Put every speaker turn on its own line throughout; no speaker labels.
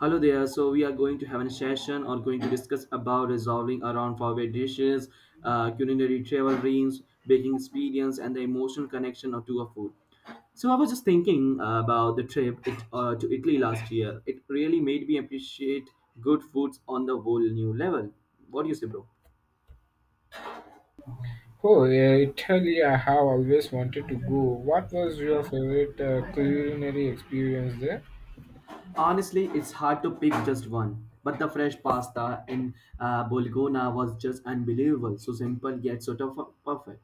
Hello there. So we are going to have a session or going to discuss about resolving around favorite dishes, culinary travel dreams, baking experience, and the emotional connection of to a food. So I was just thinking about the trip it, to Italy last year. It really made me appreciate good foods on the whole new level. What do you say, bro?
Oh, yeah, Italy, I have always wanted to go. What was your favorite culinary experience there?
Honestly, it's hard to pick just one. But the fresh pasta in Bolgona was just unbelievable. So simple yet sort of perfect.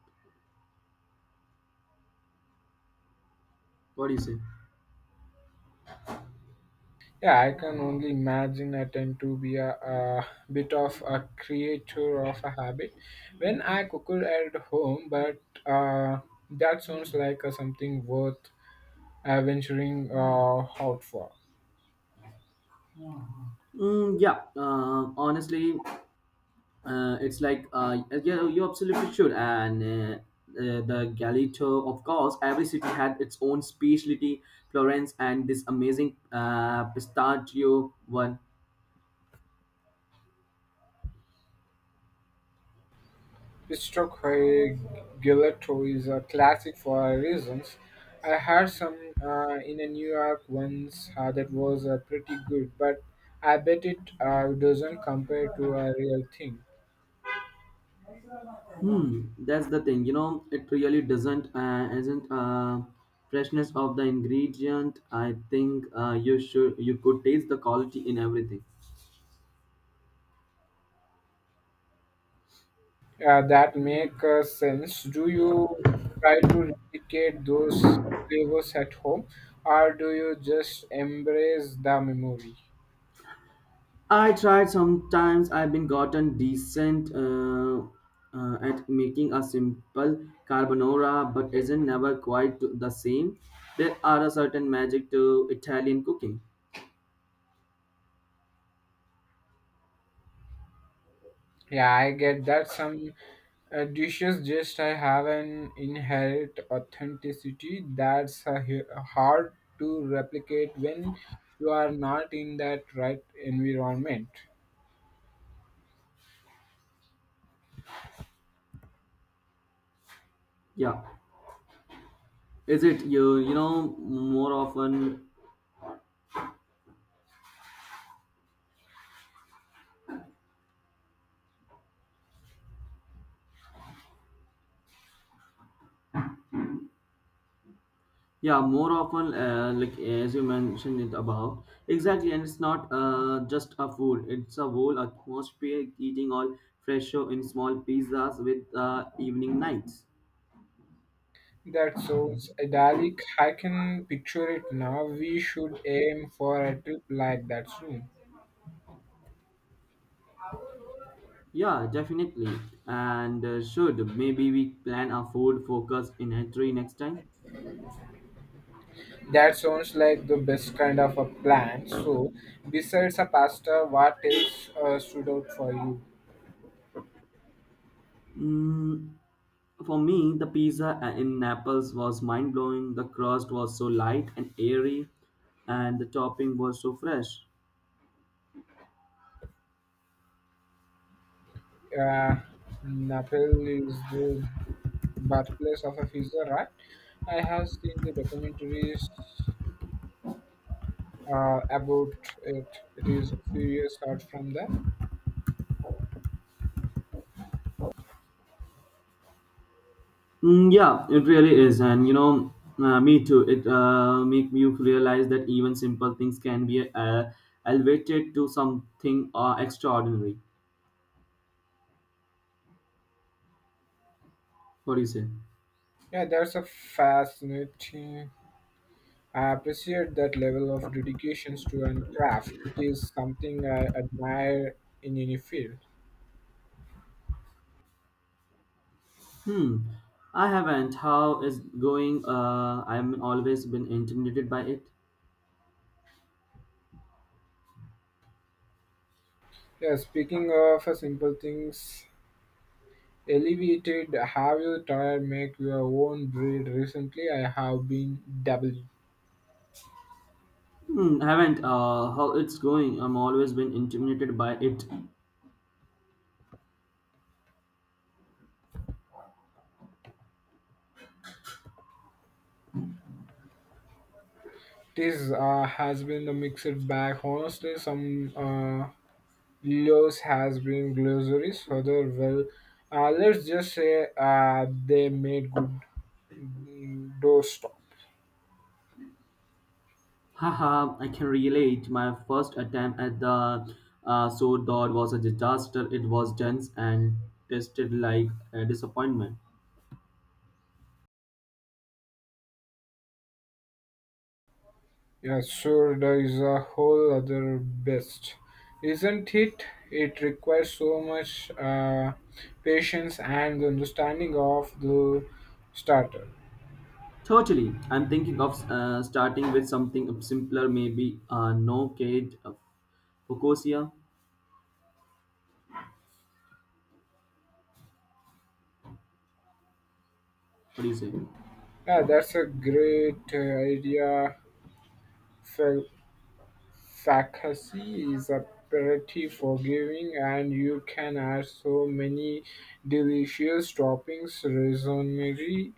What do you say?
Yeah, I can only imagine. I tend to be a bit of a creature of a habit when I cook at home, but that sounds like something worth venturing out for.
Mm, yeah, honestly, it's like yeah, you absolutely should. And The Galileo. Of course, every city had its own specialty. Florence and this amazing pistachio one.
Pisco Gelato is a classic for our reasons. I had some in a New York once that was pretty good, but I bet it doesn't compare to a real thing.
Hmm, that's the thing. It really doesn't isn't freshness of the ingredient. I think you could taste the quality in everything.
That make sense. Do you try to replicate those flavors at home, or do you just embrace the memory?
I tried sometimes I've been gotten decent at making a simple carbonara but isn't never quite the same. There are a certain magic to Italian cooking.
Yeah, I get that some. Dishes just I have an inherent authenticity that's hard to replicate when you are not in that right environment.
Yeah. Is it more often, yeah, more often like as you mentioned it above exactly, and it's not just a food, it's a whole atmosphere eating all fresho in small pizzas with evening nights.
That sounds idyllic. I can picture it now. We should aim for a trip like that soon.
Yeah, definitely. And should maybe we plan a food focus in Italy next time?
That sounds like the best kind of a plan. So, besides a pasta, what else stood out for you?
Mm, for me, the pizza in Naples was mind blowing. The crust was so light and airy, and the topping was so fresh.
Uh, Naples is the Birthplace of a Fizzer, right? I have seen the documentaries about it. It is a serious art from there.
Mm, yeah, it really is, and me too. It make me realize that even simple things can be elevated to something extraordinary. What do you say?
Yeah, that's a fascinating. I appreciate that level of dedication to an craft. It is something I admire in any field.
Hmm, I haven't. How is going? I'm always been intimidated by it.
Yeah, speaking of simple things, elevated. Have you tried make your own bread recently? I have been dabbled.
Hmm, I haven't. How it's going? I'm always been intimidated by it.
This has been a mixed bag. Honestly, some lows has been glossaries. Further, well, let's just say they made good doorstop.
Haha, I can relate. My first attempt at the sword dot was a disaster. It was dense and tasted like a disappointment.
Yeah, sure, there is a whole other best, isn't it? It requires so much patience and understanding of the starter.
Totally. I'm thinking of starting with something simpler, maybe no cage, Focosia. What do you say?
Yeah, that's a great idea, Phil. Focaccia is pretty forgiving, and you can add so many delicious toppings. Rosemary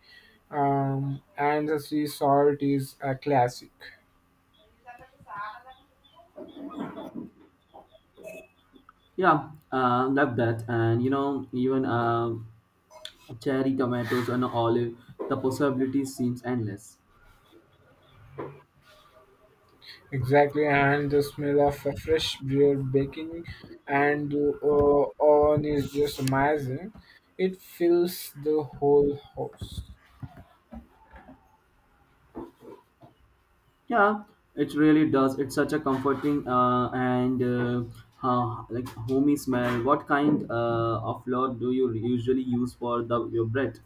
and the sea salt is a classic.
Yeah, love that. And you know, even cherry tomatoes and olive, the possibility seems endless.
Exactly, and the smell of a fresh bread baking and oven is just amazing. It fills the whole house.
Yeah, it really does. It's such a comforting and like homey smell. What kind of flour do you usually use for the your bread?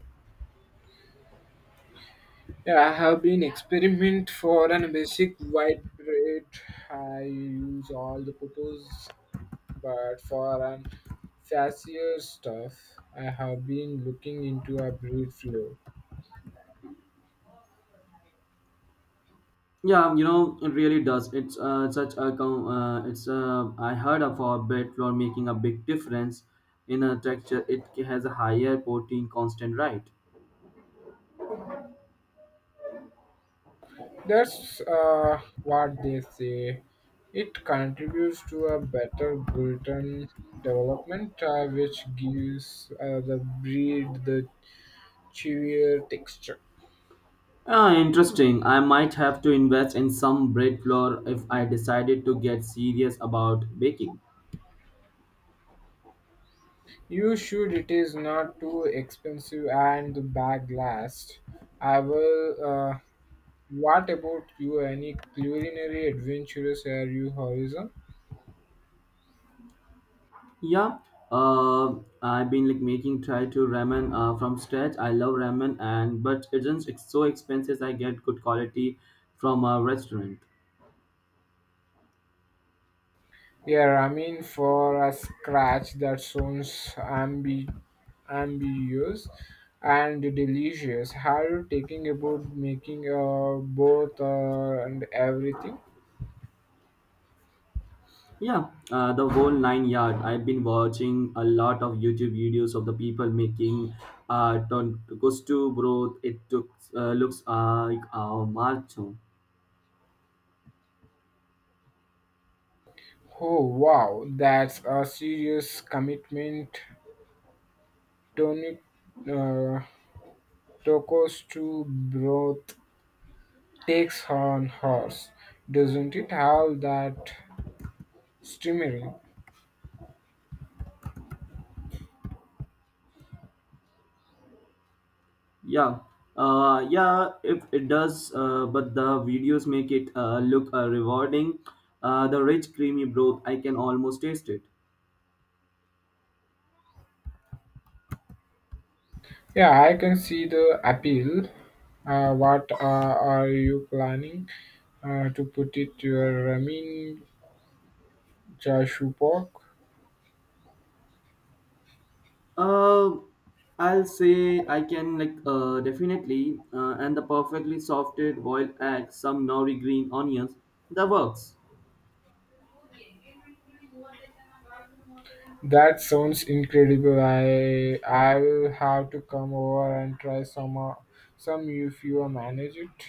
Yeah, I have been experiment for an basic white bread. I use all the purpose. But for an fancier stuff, I have been looking into a breed flow.
Yeah, you know, it really does. It's such a com- it's I heard of our bread flour making a big difference in a texture. It has a higher protein constant, right?
That's what they say. It contributes to a better gluten development, which gives the breed the chewier texture.
Ah, interesting. I might have to invest in some bread flour if I decided to get serious about baking.
You should. It is not too expensive, and the bag lasts. I will. What about you? Any culinary adventures are you horizon?
Yeah, uh, I've been like making try to ramen from scratch. I love ramen, and but it's so expensive. I get good quality from a restaurant.
Yeah, I mean, for a scratch that sounds ambiguous and delicious, how you taking about making both and everything?
Yeah, the whole 9 yard. I've been watching a lot of YouTube videos of the people making gusto broth. It took, looks like a macho.
Oh, wow, that's a serious commitment. Tony uh, tacos to broth takes on horse, doesn't it? Have that streamery?
Yeah, yeah, if it does, but the videos make it look rewarding. The rich, creamy broth, I can almost taste it.
Yeah, I can see the appeal. What are you planning to put it your ramen chashupok?
Uh, I'll say I can like definitely, and the perfectly softed boiled egg, some nori green onions, that works.
That sounds incredible. I will have to come over and try some if you manage it.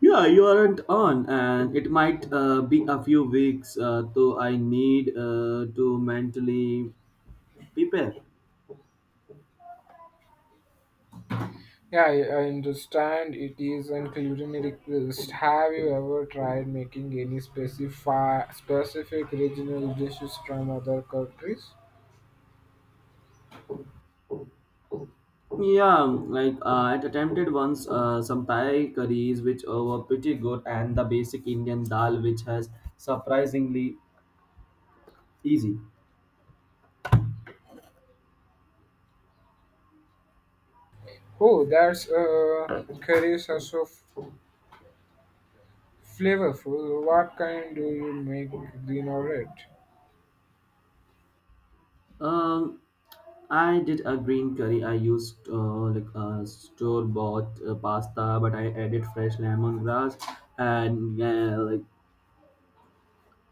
Yeah, you aren't on, and it might be a few weeks, though I need to mentally prepare.
Yeah, I understand it is an culinary request. Have you ever tried making any specific regional dishes from other countries?
Yeah, like I attempted once some Thai curries which were pretty good, and the basic Indian dal which has surprisingly easy.
Oh, that's curries are so flavorful. What kind do you make, green or red?
Um, I did a green curry. I used store bought pasta, but I added fresh lemongrass and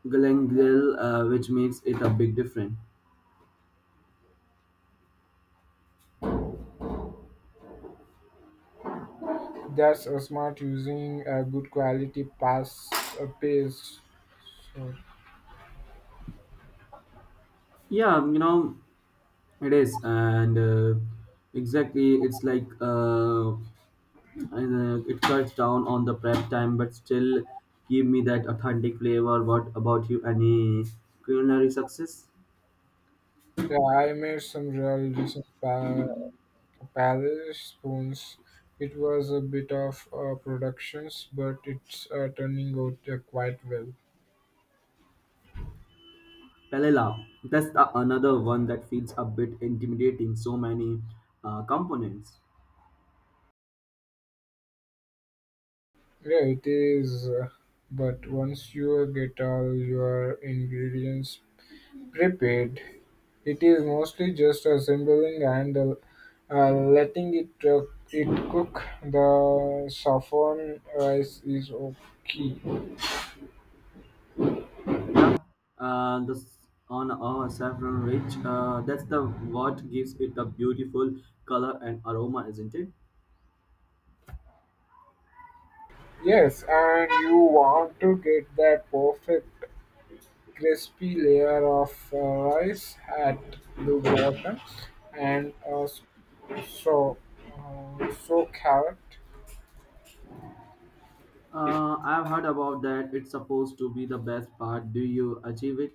galangal, which makes it a big difference.
That's a smart using a good quality past a paste. So
Yeah, it is, and exactly it's like. And it cuts down on the prep time but still give me that authentic flavor. What about you, any culinary success?
yeah, I made some real decent palate spoons. It was a bit of productions, but it's turning out quite well.
Palela, that's the, another one that feels a bit intimidating, so many components.
Yeah, it is. But once you get all your ingredients repeat, it is mostly just assembling and letting it cook. The saffron rice is okay.
Yeah, this on our saffron rich, that's the what gives it a beautiful color and aroma, isn't it?
Yes, and you want to get that perfect crispy layer of rice at the bottom and so so carrot.
I've heard about that, it's supposed to be the best part, do you achieve it?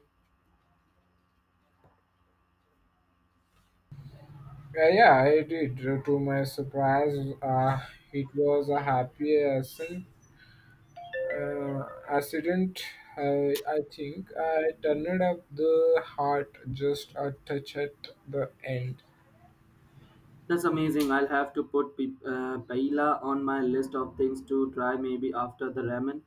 Yeah, yeah, I did. To my surprise, it was a happy ascent uh, accident. I think I turned up the heart just a touch at the end.
That's amazing. I'll have to put paella on my list of things to try, maybe after the ramen.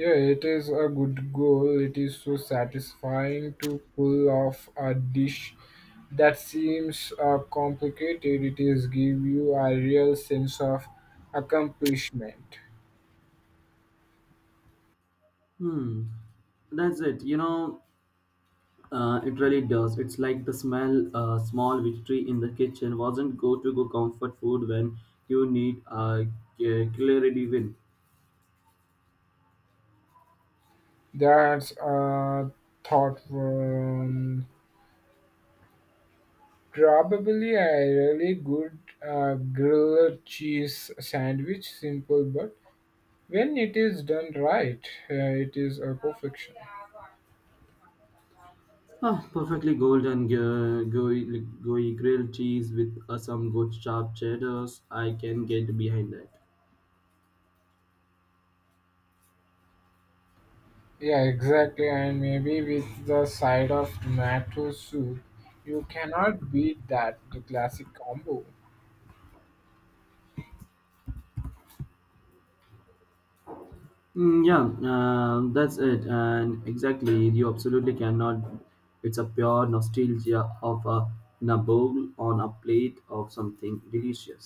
Yeah, it is a good goal. It is so satisfying to pull off a dish that seems complicated. It is give you a real sense of accomplishment.
Hmm. That's it. It really does. It's like the smell, small victory in the kitchen wasn't go to go comfort food when you need a clarity win.
That's a thought. Probably a really good grilled cheese sandwich, simple, but when it is done right, it is a perfection.
Ah, perfectly golden gooey, gooey grilled cheese with some good sharp cheddars. I can get behind that.
Yeah, exactly, and maybe with the side of tomato soup, you cannot beat that, the classic combo.
Mm, yeah, that's it. And exactly, you absolutely cannot. It's a pure nostalgia of a nibble on a plate of something delicious.